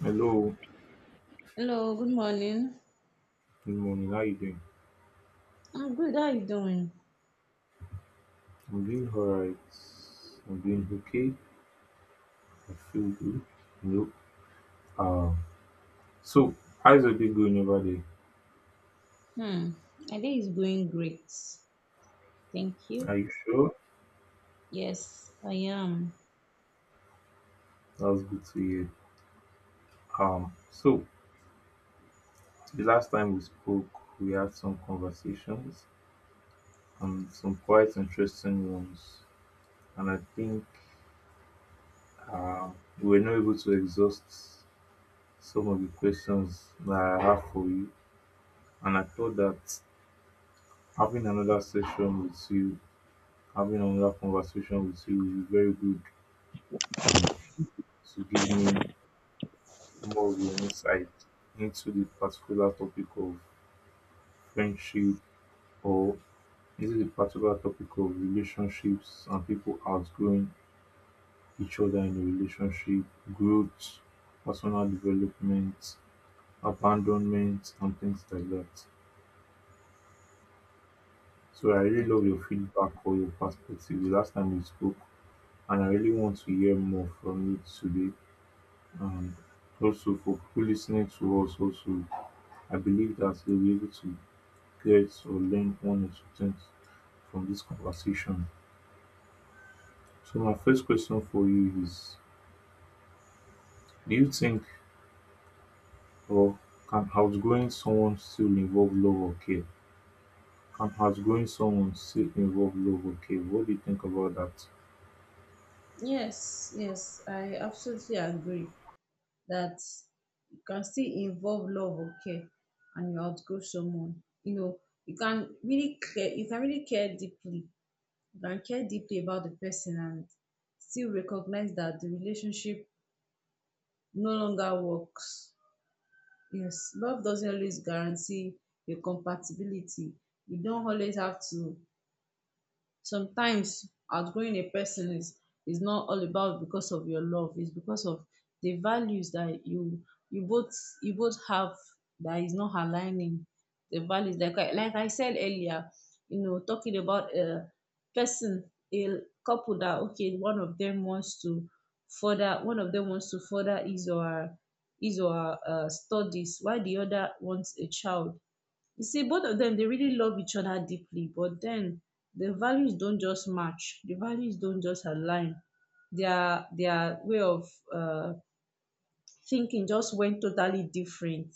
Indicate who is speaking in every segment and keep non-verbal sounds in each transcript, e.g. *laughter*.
Speaker 1: Hello,
Speaker 2: Hello, good morning.
Speaker 1: good morning. How you doing?
Speaker 2: I'm good. How you doing?
Speaker 1: I'm doing alright. I'm doing okay. I feel good. No. Um. So, how's your day going over there?
Speaker 2: Hmm. My day is going great. Thank
Speaker 1: Are
Speaker 2: you.
Speaker 1: you sure?
Speaker 2: Yes, I am.
Speaker 1: That's good to hear. So, the last time we spoke, we had some conversations and some quite interesting ones, and I think um we were not able to exhaust some of the questions that I have for you, and I thought that having another session with you having another conversation with you will be very good and to give me more of your insight into the particular topic of friendship or into the particular topic of relationships and people outgrowing each other in a relationship, growth, personal development, abandonment, and things like that. So I really love
Speaker 2: Okay.
Speaker 1: your feedback or your perspective the last time we spoke, and I really want to hear more from you today, um, also for people listening to us also I believe that they'll be able to get or learn one or two things from this conversation. So my first question for you is, do you think or can outgoing someone still involve love or care? Can outgoing someone still involve love or care? What do you think about that?
Speaker 2: Yes, yes, I absolutely agree that you can still involve love or care and you outgrow someone. You know, you can really care you can really care deeply. You can care deeply about the person and still recognize that the relationship no longer works. Yes, love doesn't always guarantee a compatibility. You don't always have to. Sometimes outgrowing a person is not all about because of your love. It's because of the values that you both you both have that is not aligning the values. Like like I said earlier, you know, talking about a person, a couple, that okay, one of them wants to further, one of them wants to further his or her studies while the other wants a child. You see, both of them, they really love each other deeply, but then the values don't just match. The values don't just align. Their way of uh, thinking just went totally different.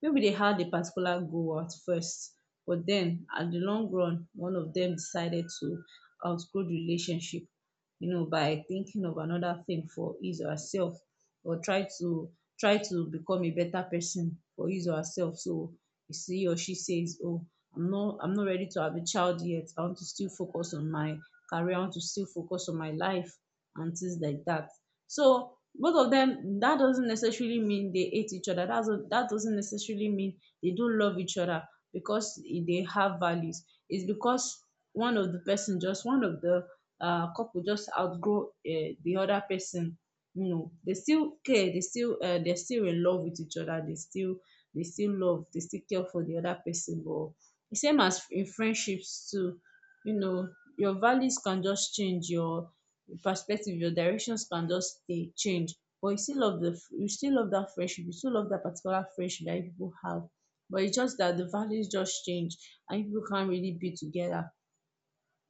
Speaker 2: Maybe they had a particular goal at first, but then at the long run one of them decided to outgrow the relationship, you know, by thinking of another thing for his or herself, or try to become a better person for his or herself. So if he or she says, oh, I'm not ready to have a child yet, I want to still focus on my career, I want to still focus on my life and things like that. So both of them, that doesn't necessarily mean they hate each other. That doesn't necessarily mean they don't love each other because they have values. It's because one of the person, just one of the couple, just outgrow the other person. You know, they still care. They still they're still in love with each other. They still love. They still care for the other person. But same as in friendships too. You know, your values can just change. Your perspective, your directions can just stay change. But you still love the you still love that friendship, you still love that particular friendship that you people have. But it's just that the values just change and you people can't really be together.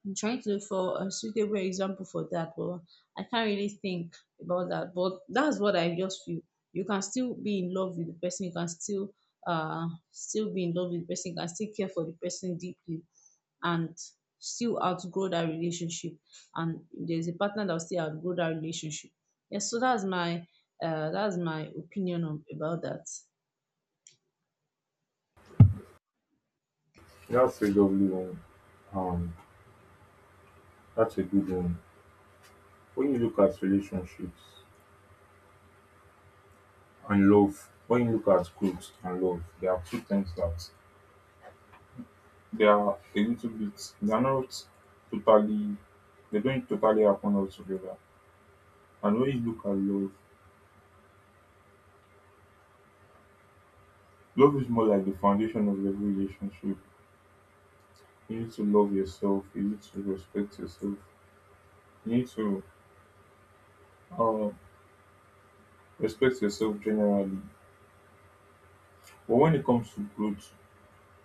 Speaker 2: I'm trying to look for a suitable example for that, but I can't really think about that. But that's what I just feel. You can still be in love with the person. You can still be in love with the person. You can still care for the person deeply, and still outgrow that relationship. And there's a partner that will still outgrow that relationship. Yes, so that's my opinion on, about that.
Speaker 1: That's a lovely one. um that's a good one. When you look at relationships and love, when you look at growth and love, there are two things that they are a little bit, they are not totally, they don't totally happen altogether. And when you look at love, love is more like the foundation of every relationship. You need to love yourself, you need to respect yourself, you need to uh, respect yourself generally. But when it comes to growth,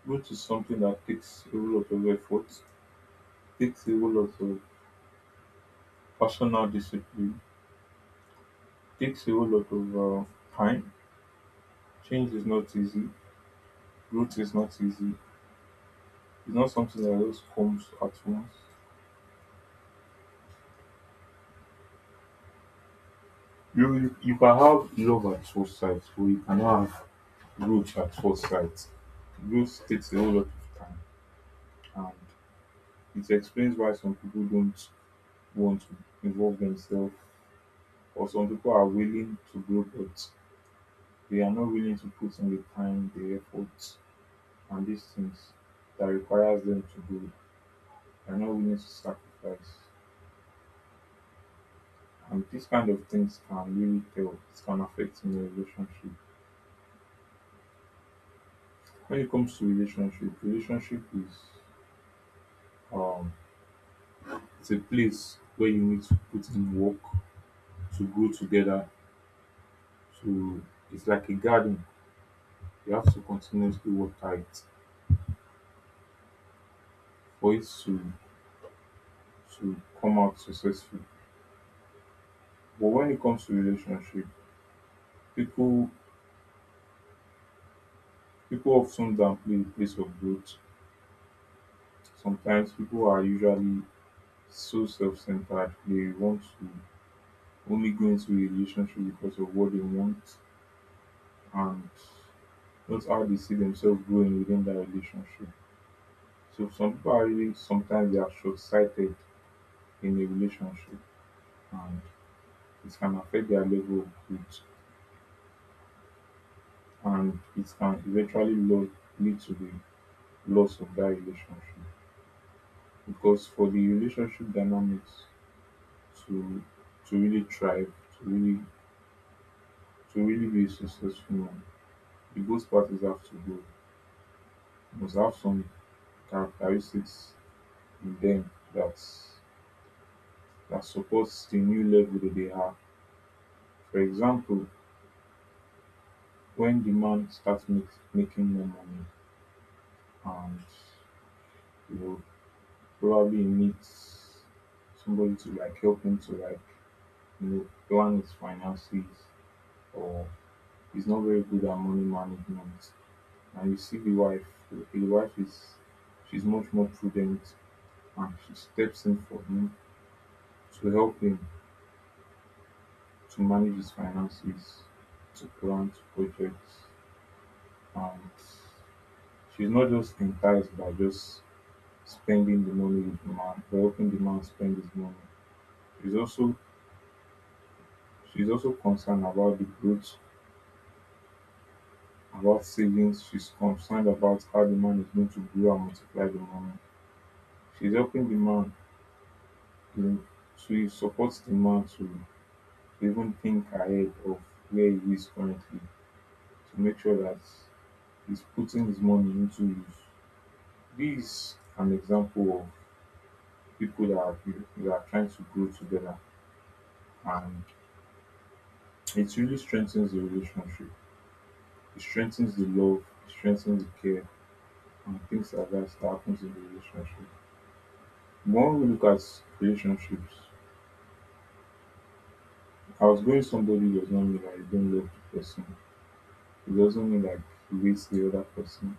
Speaker 1: growth is something that takes a whole lot of effort, takes a whole lot of personal discipline, takes a whole lot of time. Change is not easy, growth is not easy. It's not something that just comes at once. You can have love at first sight, but you cannot have growth at first sight. Growth takes a whole lot of time, and it explains why some people don't want to involve themselves, or some people are willing to grow, but they are not willing to put in the time, the effort, and these things that requires them to grow. They are not willing to sacrifice, and these kind of things can really tell. It can affect in a relationship. When it comes to relationship, relationship is um it's a place where you need to put in work to grow together. To, it's like a garden. You have to continuously work it for it to come out successful. But when it comes to relationship, people people often downplay the place of growth. Sometimes people are usually so self-centered. They want to only go into a relationship because of what they want and not how they see themselves growing within that relationship. So some people are really sometimes they are short sighted in a relationship, and it can affect their level of growth, and it can eventually lead to the loss of that relationship. Because for the relationship dynamics to really thrive, to really be a successful one, the both parties have to grow. Must have some characteristics in them that that supports the new level that they have. For example, when the man starts making more money and you know probably he needs somebody to like help him to like you know plan his finances, or he's not very good at money management, and you see the wife, the wife is she's much more prudent, and she steps in for him to help him to manage his finances, to plan to projects, and she's not just enticed by just spending the money with demand, helping the man spend his money. She's also she's also concerned about the growth, about savings. She's concerned about how the man is going to grow and multiply the money. She's helping the man, to she supports man to even think ahead of where he is currently to make sure that he's putting his money into use. This is an example of people that are trying to grow together, and it really strengthens the relationship. It strengthens the love, it strengthens the care, and things like that that happens in the relationship. But when we look at relationships, outgoing somebody does not mean that you don't love the person. It doesn't mean that you hate the other person.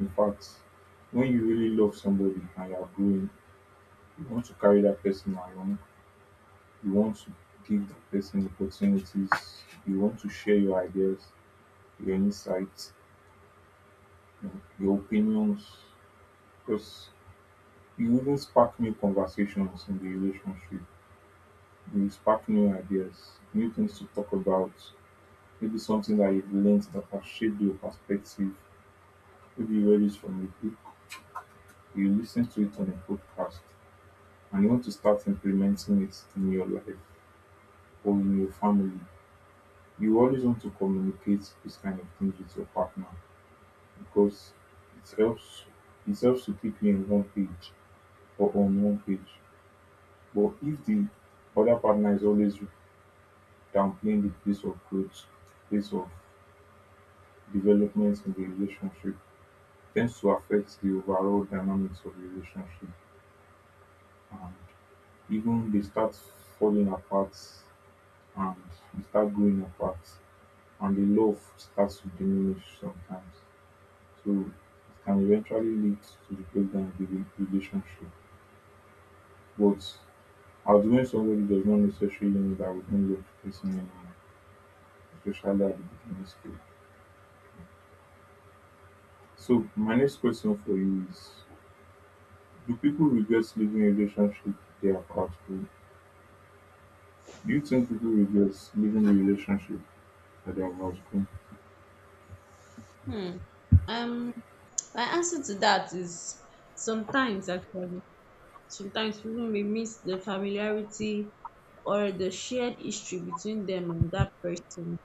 Speaker 1: In fact, when you really love somebody and you are growing, you want to carry that person along, you want to give that person opportunities, you want to share your ideas, your insights, your your opinions. Because you even spark new conversations in the relationship. You spark new ideas, new things to talk about, maybe something that you've learned that has shaped your perspective. Maybe you read it from a book, you listen to it on a podcast, and you want to start implementing it in your life or in your family. You always want to communicate this kind of things with your partner because it helps it helps to keep you in one page or on one page. But if the other partner is always downplaying the pace of growth, pace of development in the relationship, tends to affect the overall dynamics of the relationship, and even they start falling apart, and they start growing apart, and the love starts to diminish sometimes. So it can eventually lead to the breakdown of the relationship. But outgoing somebody does not necessarily mean that we don't love the person anymore, especially at the beginning stage. So my next question for you is, do people regret leaving a relationship they are not in? Do you think people regret leaving a relationship that they are not in?
Speaker 2: Hmm. Um, my answer to that is sometimes actually. Sometimes people may miss the familiarity or the shared history between them and that person,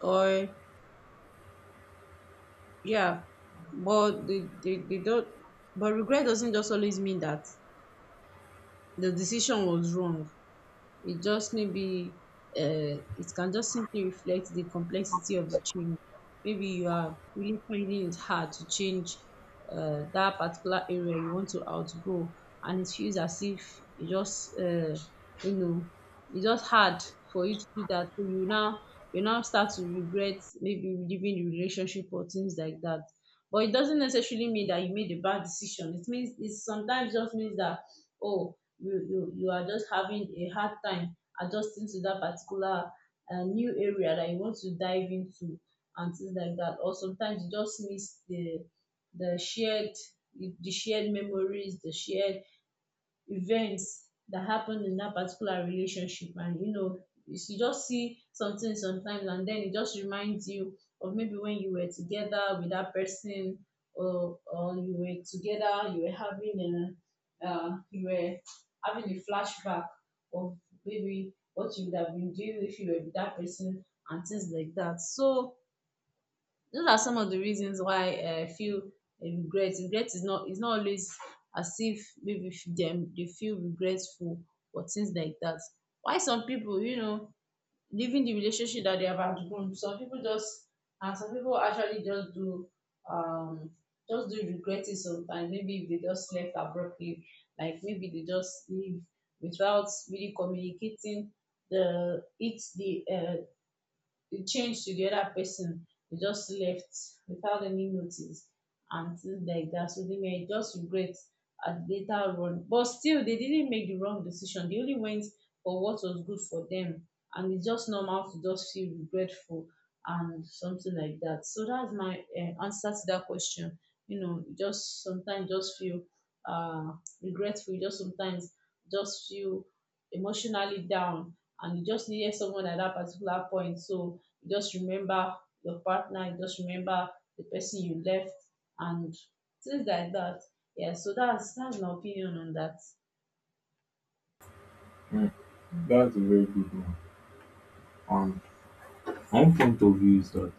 Speaker 2: or yeah. But they don't, but regret doesn't just always mean that the decision was wrong. It just maybe, it can just simply reflect the complexity of the change. Maybe you are really finding it hard to change that particular area you want to outgrow, and it feels as if it just you know, it's just hard for you to do that. So you now start to regret maybe leaving the relationship or things like that. But it doesn't necessarily mean that you made a bad decision. It means, it sometimes just means that, oh, you are just having a hard time adjusting to that particular new area that you want to dive into and things like that. Or sometimes you just miss the the shared the shared memories, the shared events that happened in that particular relationship. And you know, you just see something sometimes and then it just reminds you of maybe when you were together with that person. Or you were together, you were having a you were having a flashback of maybe what you would have been doing if you were with that person and things like that. So those are some of the reasons why feel regret. Regret is not always as if maybe dem dey feel regretful or things like that. Why some people, you know, leaving the relationship that they have outgrown, some people just and some people actually just do, um just do regret it sometimes, maybe if they just left abruptly, like maybe they just leave without really communicating the it changed to the other person. They just left without any notice and things like that. So they may just regret at the later on. But still, they didn't make the wrong decision. They only went for what was good for them. And it's just normal to just feel regretful and something like that. So that's my answer to that question. You know, you just sometimes just feel uh, regretful. You just sometimes just feel emotionally down and you just needed someone at that particular point. So just remember your partner, just remember the person you left and things like that. Yeah, so that's my opinion on that.
Speaker 1: Hmm. That's a very good one. And one point of view is that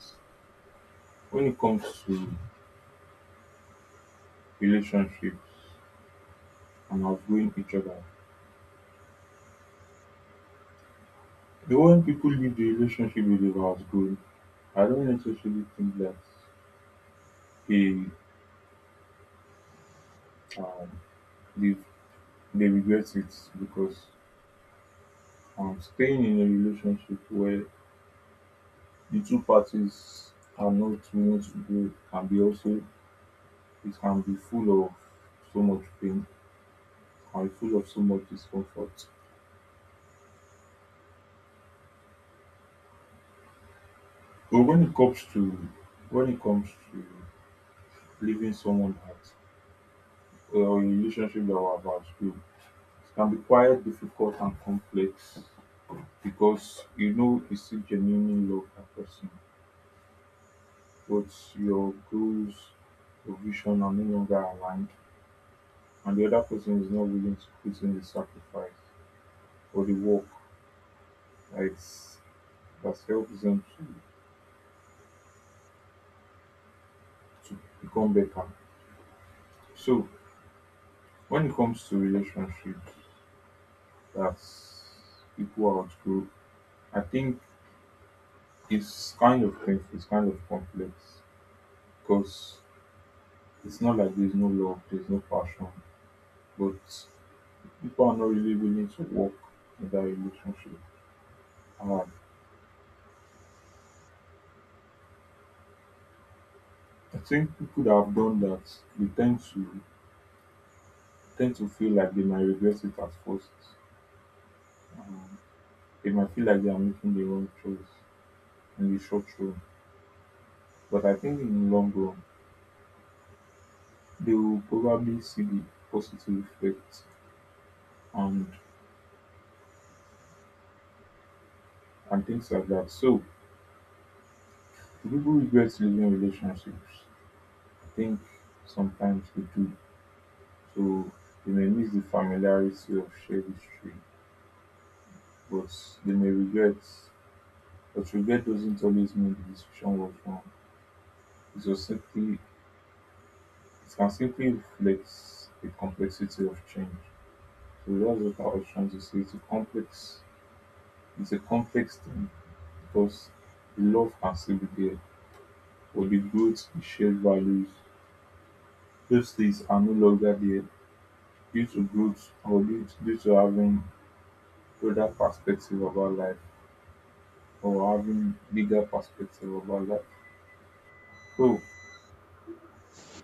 Speaker 1: when it comes to relationships and outgrowing each other, the way people leave the relationship with they've outgrown, I don't necessarily think that they um, they, they regret it, because staying in a relationship where the two parties are not willing to grow can be also it can be full of so much pain, it can be full of so much discomfort. But when it comes to when it comes to leaving someone at or a relationship that was about to, it can be quite difficult and complex because you know you still genuinely love that person, but your goals, your vision are no longer aligned, and the other person is not willing to put in the sacrifice or the work. It's that helps them to, become better. So when it comes to relationships that people outgrow, I think it's kind of thing, it's kind of complex, because it's not like there's no love, there's no passion, but people are not really willing to work in that relationship. Uh, I think people that have done that, they tend to tend to feel like they might regret it at first. Um, they might feel like they are making the wrong choice in the short run. But I think in the long run, they will probably see the positive effects and and things like that. So, do people regret leaving relationships? I think sometimes they do. So they may miss the familiarity of shared history, but they may regret. But regret doesn't always mean the decision was wrong. It's just simply it can simply reflect the complexity of change. So that's what I was trying to say. It's a complex thing. Because love and there for the growth in shared values, those things are no longer there, due to growth or due to having other perspective about life, or having bigger perspective about life. So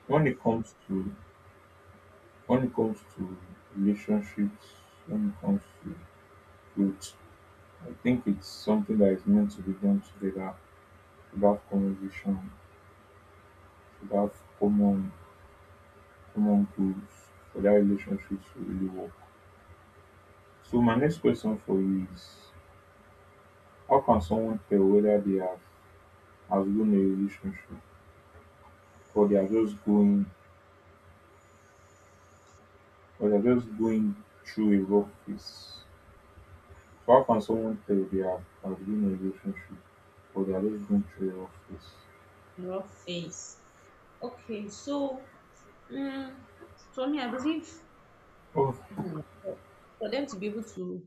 Speaker 1: when it comes to when it comes to relationships, when it comes to growth, I think it's something that is meant to be done together, should have conversation, should have common common goals for that relationship to really work. So my next question for you is, how can someone tell whether they have outgrown a relationship, or they are just going or they are just going through a rough phase? So how can someone tell they have outgrown a relationship or they are just going through a rough phase?
Speaker 2: Rough phase, okay, so mm, for me I believe,
Speaker 1: Oh
Speaker 2: hmm, for for them to be able to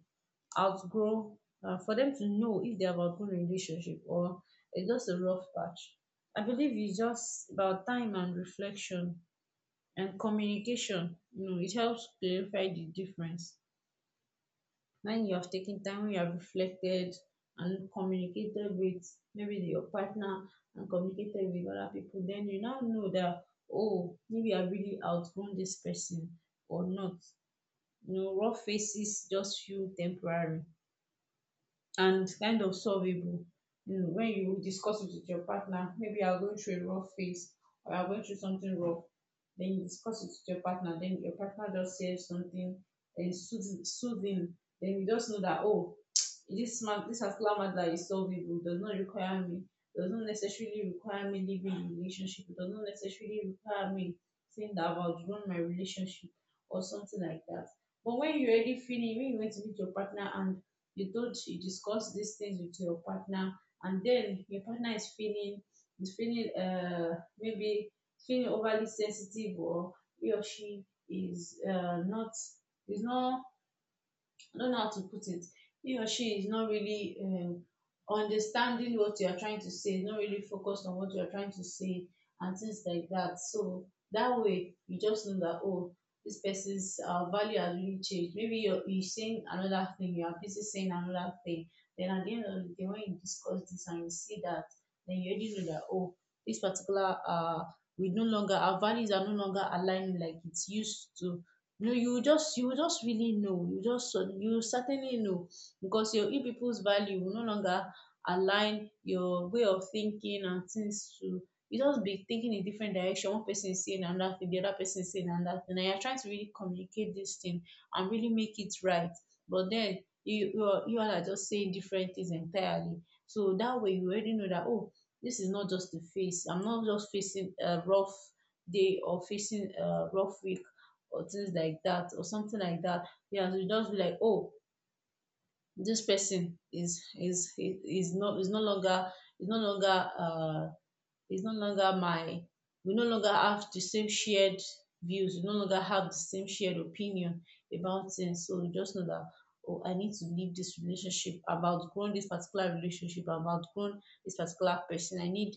Speaker 2: outgrow, for them to know if they have outgrown a relationship or it's just a rough patch, I believe it's just about time and reflection and communication. You know, it helps clarify the difference. When you have taken time, when you have reflected and communicated with maybe your partner, and communicated with other people, then you now know that, oh, maybe I've really outgrown this person or not. You know, rough faces just feel temporary and kind of solvable. You know, when you discuss it with your partner, maybe you're going through a rough phase or you're going through something rough, then you discuss it with your partner, then your partner just says something and soothing, soothing. Then you just know that, oh, *tsk* this man, this particular matter is solvable, does not require me, does not necessarily require me leaving the relationship, does not necessarily require me saying that I've outgrown my relationship or something like that. But when you already feeling, when you went to meet your partner and you told, you discussed these things with your partner and then your partner is feeling, is feeling uh maybe feeling overly sensitive, or he or she is not, is not, I don't know how to put it. He or she is not really understanding what you are trying to say, not really focused on what you are trying to say, and things like that. So that way, you just know that, oh, this person's value has really changed. Maybe you're saying another thing, you are busy saying another thing. Then at the end of the day, when you discuss this and you see that, then you already know that, oh, this particular, we no longer, our values are no longer aligning like it used to. No, you just, you just really know. You certainly know because your, you people's value will no longer align, your way of thinking and things to, you just be thinking in different direction. One person is saying another thing, the other person is saying another thing. And you're trying to really communicate this thing and really make it right. But then you are, you all are just saying different things entirely. So that way you already know that, oh, this is not just the face. I'm not just facing a rough day or facing a rough week or things like that or something like that. Yeah, have to just be like, oh, this person is no, is no longer my, we no longer have the same shared views. We no longer have the same shared opinion about things. So you just know that, oh, I need to leave this relationship. I've outgrown this particular relationship. I've outgrown this particular person. I need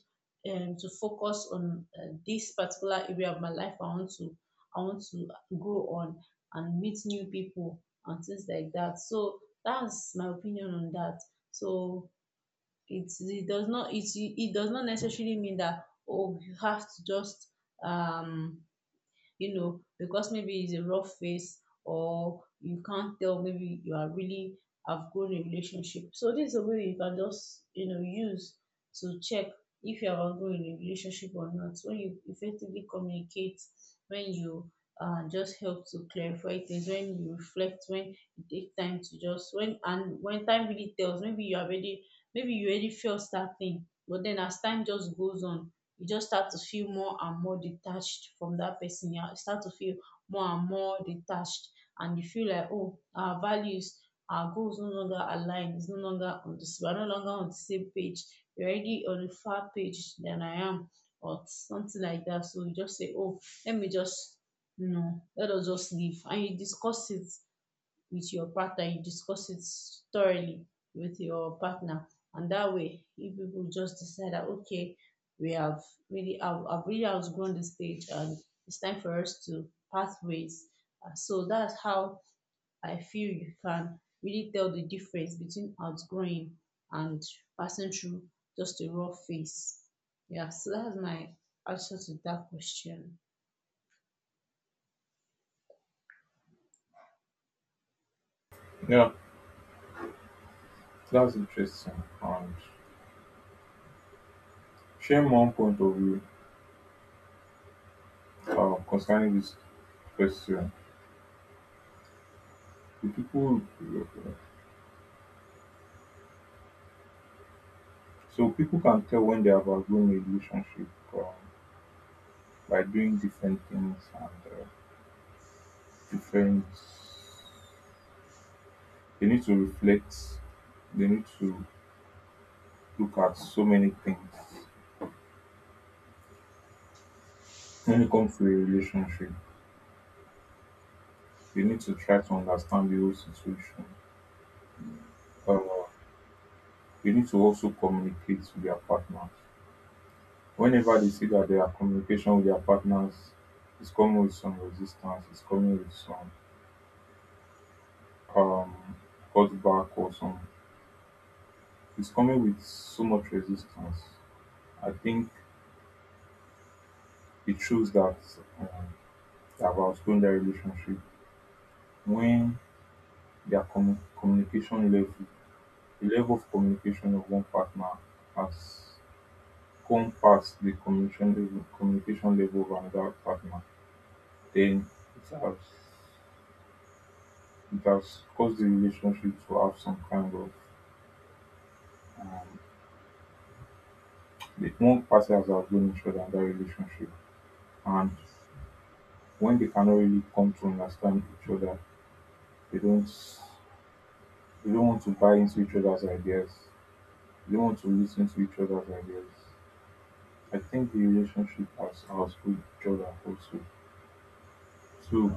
Speaker 2: to focus on this particular area of my life. I want to grow on and meet new people and things like that. So that's my opinion on that. So it does not necessarily mean that, oh, you have to just um you know, because maybe it's a rough phase or you can't tell maybe you are really outgrown a relationship. So this is a way you can just, you know, use to check if you have outgrown a relationship or not. When you effectively communicate, when you just help to clarify things, when you reflect, when you take time to just when, and when time really tells, maybe you have already, maybe you already felt that thing, but then as time just goes on, you just start to feel more and more detached from that person. You start to feel more and more detached, and you feel like, oh, our values, our goals no longer align. It's no longer on the, we're no longer on the same page. You're already on a far page than I am, or something like that. So you just say, oh, let me just, you know, let us just leave. And you discuss it with your partner, you discuss it thoroughly with your partner. And that way, if people just decide that, okay, we have really, I've really outgrown this stage and it's time for us to part ways. So that's how I feel you can really tell the difference between outgrowing and passing through just a raw phase. Yeah, so that's my answer to that question.
Speaker 1: yeah, that's interesting. And share my own point of view concerning this question. The people, so people can tell when they have outgrown a relationship, um, by doing different things and Different. They need to reflect, they need to look at so many things. When it comes to a relationship, they need to try to understand the whole situation. Uh, they need to also communicate with their partners. Whenever they see that their communication with their partners is coming with some resistance, is coming with some um, cutback or some, it's coming with so much resistance. I think it shows that um, they have outgrown their relationship when their communication level, the level of communication of one partner has gone past the communication level of another partner. Then it has it has caused the relationship to have some kind of, the one party has outgrown each other in that relationship. And when they cannot really come to understand each other, they don't they don't want to buy into each other's ideas, they don't want to listen to each other's ideas. I think the relationship as ours with Jordan also. So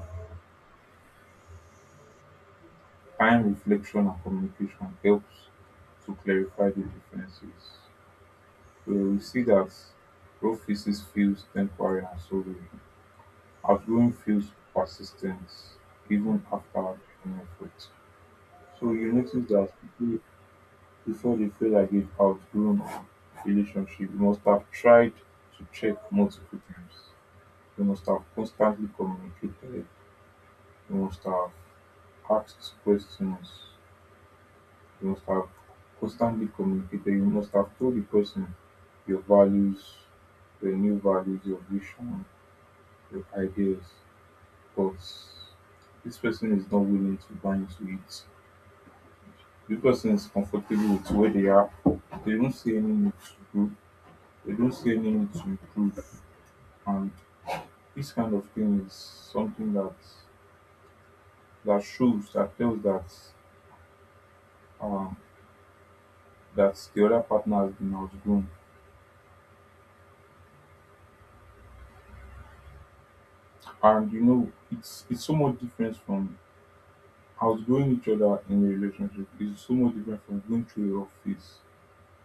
Speaker 1: time, reflection and communication helps to clarify the differences. So we see that raw physics feels temporary and solvable. Outgoing feels persistent even after an effort. So you notice that people, before they feel like they've outgrown a relationship, they must have tried to check multiple times. They must have constantly communicated. They must have ask questions. You must have constantly communicated. You must have told the person your values, your new values, your vision, your ideas. But this person is not willing to buy into it. This person is comfortable with where they are. They don't see any need to grow. They don't see any need to improve. And this kind of thing is something that that shows that tells that um, that the other partner has been outgrown. And you know, it's so much different from outgrowing each other in a relationship. It's so much different from going through a rough phase.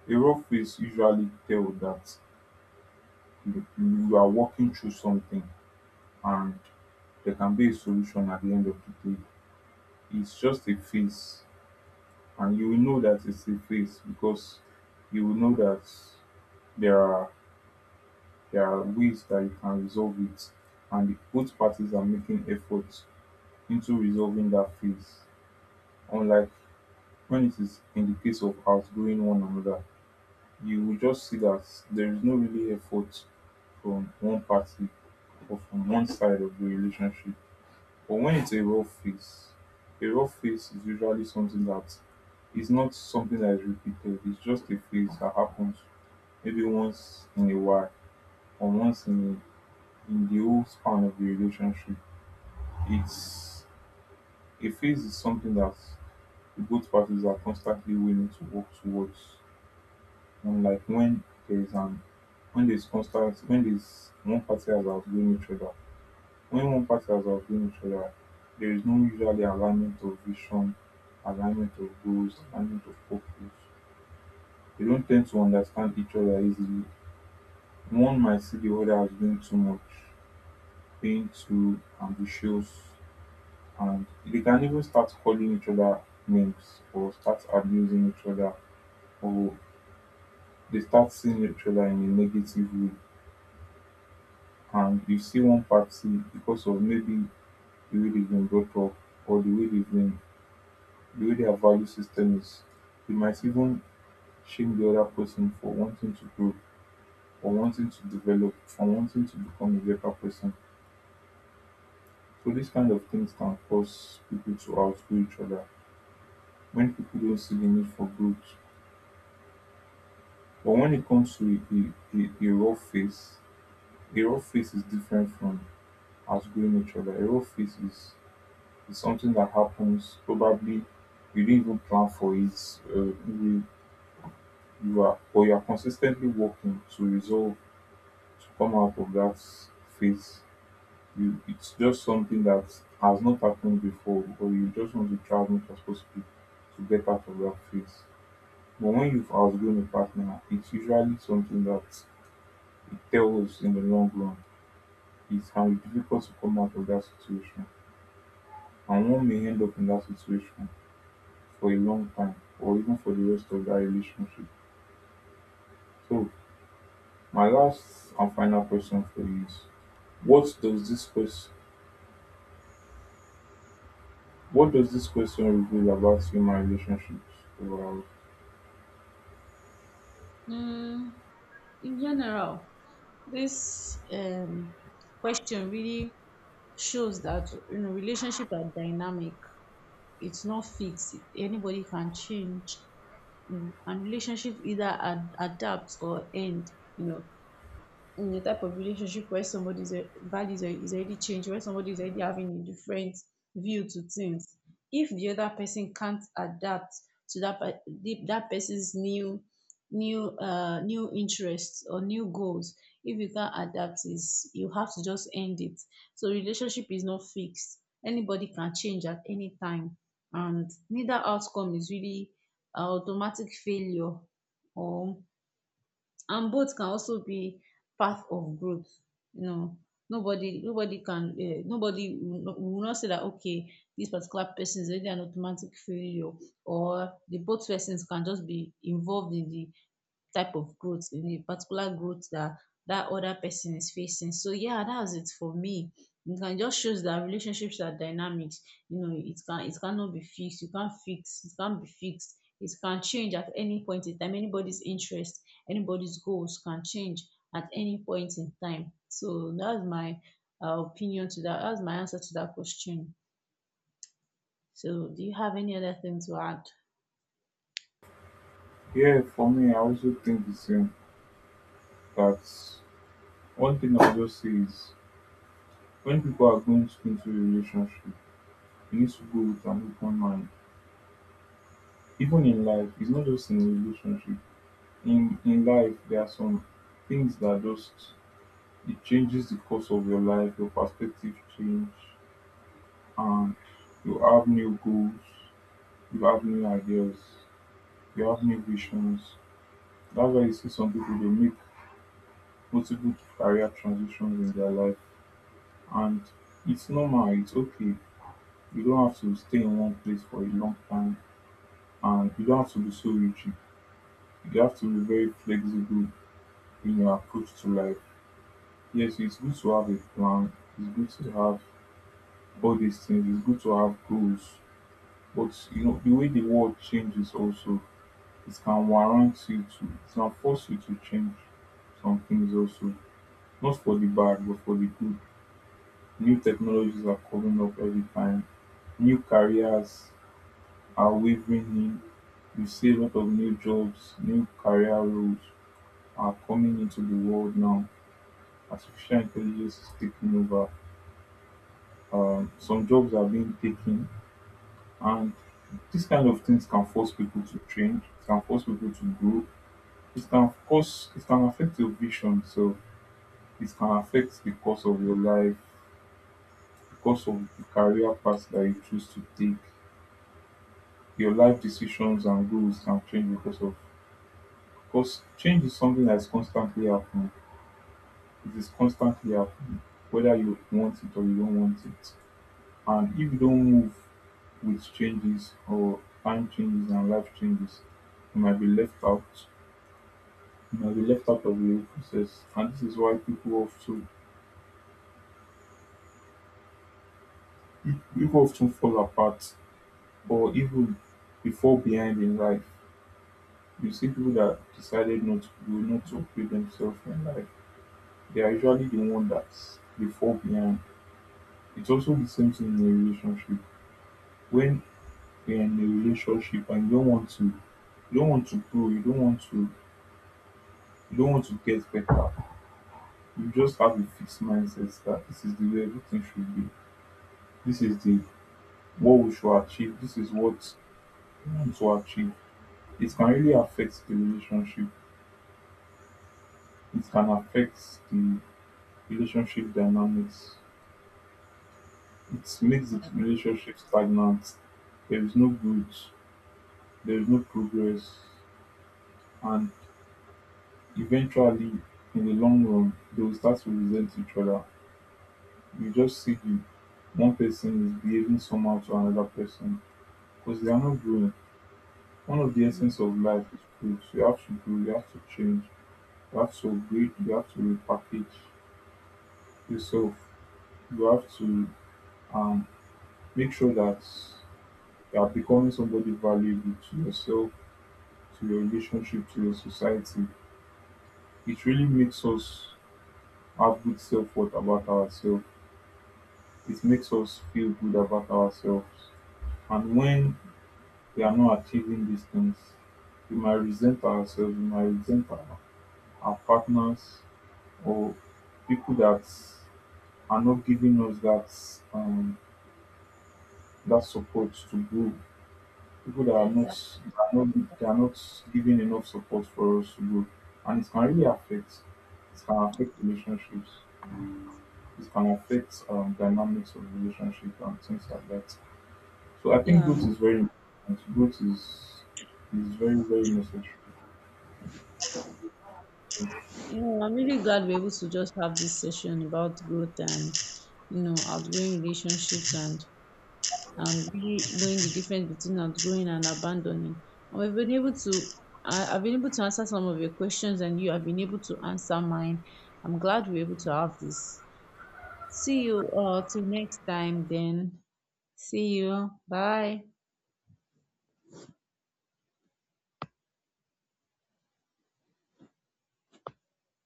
Speaker 1: A rough phase usually tell that you are walking through something, and there can be a solution at the end of the day. It's just a phase, and you will know that it's a phase because you will know that there are there are ways that you can resolve it, and both parties are making efforts into resolving that phase, unlike when it is in the case of outgrowing one another, you will just see that there is no really effort from one party or from one side of the relationship. But when it's a rough phase is usually something that is not something that is repeated. It's just a phase that happens maybe once in a while or once in the whole span of the relationship. It's A phase is something that both parties are constantly willing to work towards. And like there's an when there's one party has outgrown each other, when one party has outgrown each other, there is no usually alignment of vision, alignment of goals, alignment of purpose. They don't tend to understand each other easily. One might see the other as doing too much, being too ambitious, and they can even start calling each other names or start abusing each other, or they start seeing each other in a negative way. And you see one party, because of maybe the way they've been brought up or the way their value system is, they might even shame the other person for wanting to grow or wanting to develop or wanting to become a better person. So these kind of things can cause people to outgrow each other when people don't see the need for growth. But when it comes to a raw face, a raw face is different from outgrowing each other. A raw face is, it's something that happens. Probably you didn't even plan for it. You are consistently working to resolve, to come out of that phase. It's just something that has not happened before, or you just want to try as much as possible to get out of that phase. But when you've outgrown a partner, it's usually something that it tells in the long run. It can be difficult to come out of that situation, and one may end up in that situation for a long time or even for the rest of that relationship. So my last and final question for you is, what does this question what does this question reveal about human relationships overall?
Speaker 2: Hmm, in general, this question really shows that, you know, relationship are dynamic, it's not fixed, anybody can change. And relationship either adapt or end. You know, in a type of relationship where somebody's values are, is already changed, where somebody is already having a different view to things. If the other person can't adapt to that that person's new new interests or new goals, if you can't adapt, is you have to just end it. So relationship is not fixed. Anybody can change at any time, and neither outcome is really a automatic failure, or, and both can also be path of growth. You know, nobody can, nobody will not, say that, okay, this particular person is already an automatic failure, or the both persons can just be involved in the type of growth, in the particular growth that that other person is facing. So yeah, that's it for me. You can just shows that relationships are dynamic. You know, it can, it cannot be fixed, you can't fix, it can't be fixed, it can change at any point in time, anybody's interest, anybody's goals can change at any point in time. So that's my opinion to that, that's my answer to that question. So do you have any other thing to add?
Speaker 1: Yeah, for me I also think the same, that one thing I just say is, when people are going to into a relationship, you need to go with an open mind. Even in life, it's not just in a relationship. In life there are some things that just, it changes the course of your life, your perspective change, and you have new goals, you have new ideas, you have new visions. That's why you see some people, they make multiple career transitions in their life, and it's normal, it's okay. You don't have to stay in one place for a long time, and you don't have to be so rigid. You have to be very flexible in your approach to life. Yes, it's good to have a plan, it's good to have all these things, it's good to have goals. But you know, the way the world changes also, it can warrant you to, it can force you to change some things also. Not for the bad, but for the good. New technologies are coming up every time. New careers are wavering in. You see a lot of new jobs, new career roles are coming into the world now. Artificial intelligence is taking over. Some jobs are being taken, and these kind of things can force people to change, can force people to grow. It can cause, it can affect your vision, so it can affect the course of your life, the course of the career path that you choose to take. Your life decisions and goals can change because of, because change is something that is constantly happening. It is constantly happening whether you want it or you don't want it. And if you don't move with changes, or time changes and life changes, you might be left out. You might be left out of the whole process, and this is why people also, people often fall apart or even they fall behind in life. You see people that decided not to grow, not to upgrade themselves in life, they are usually the one that they fall behind. It's also the same thing in a relationship. When you're in a relationship and you don't want to grow, you don't want to get better. You just have a fixed mindset that this is the way everything should be. This is the, what we should achieve. This is what we want to achieve. It can really affect the relationship. It can affect the relationship dynamics. It makes the relationship stagnant. There is no growth. There is no progress. And eventually, in the long run, they will start to resent each other. You just see the one person is behaving somehow to another person because they are not growing. One of the
Speaker 2: Mm.
Speaker 1: essence of life is growth. You have to grow, you have to change, you have to upgrade, you have to repackage yourself, you have to um, make sure that you are becoming somebody valuable to yourself, to your relationship, to your society. It really makes us have good self worth about ourselves. It makes us feel good about ourselves. And when we are not achieving these things, we might resent ourselves, we might resent our partners or people that are not giving us that that support to grow, people that are not
Speaker 2: Exactly.
Speaker 1: that are not giving enough support for us to grow, and it can really affect. It can affect relationships. It can affect dynamics of relationship and things like that. So I think growth
Speaker 2: Yeah,
Speaker 1: is very important. Growth is very very necessary.
Speaker 2: you know, I'm really glad we're able to just have this session about growth and, you know, outgoing relationships, and really knowing the difference between outgrowing and abandoning. I've been able to, I've been able to answer some of your questions and you have been able to answer mine. I'm glad we're able to have this. See you till next time then. See you. Bye.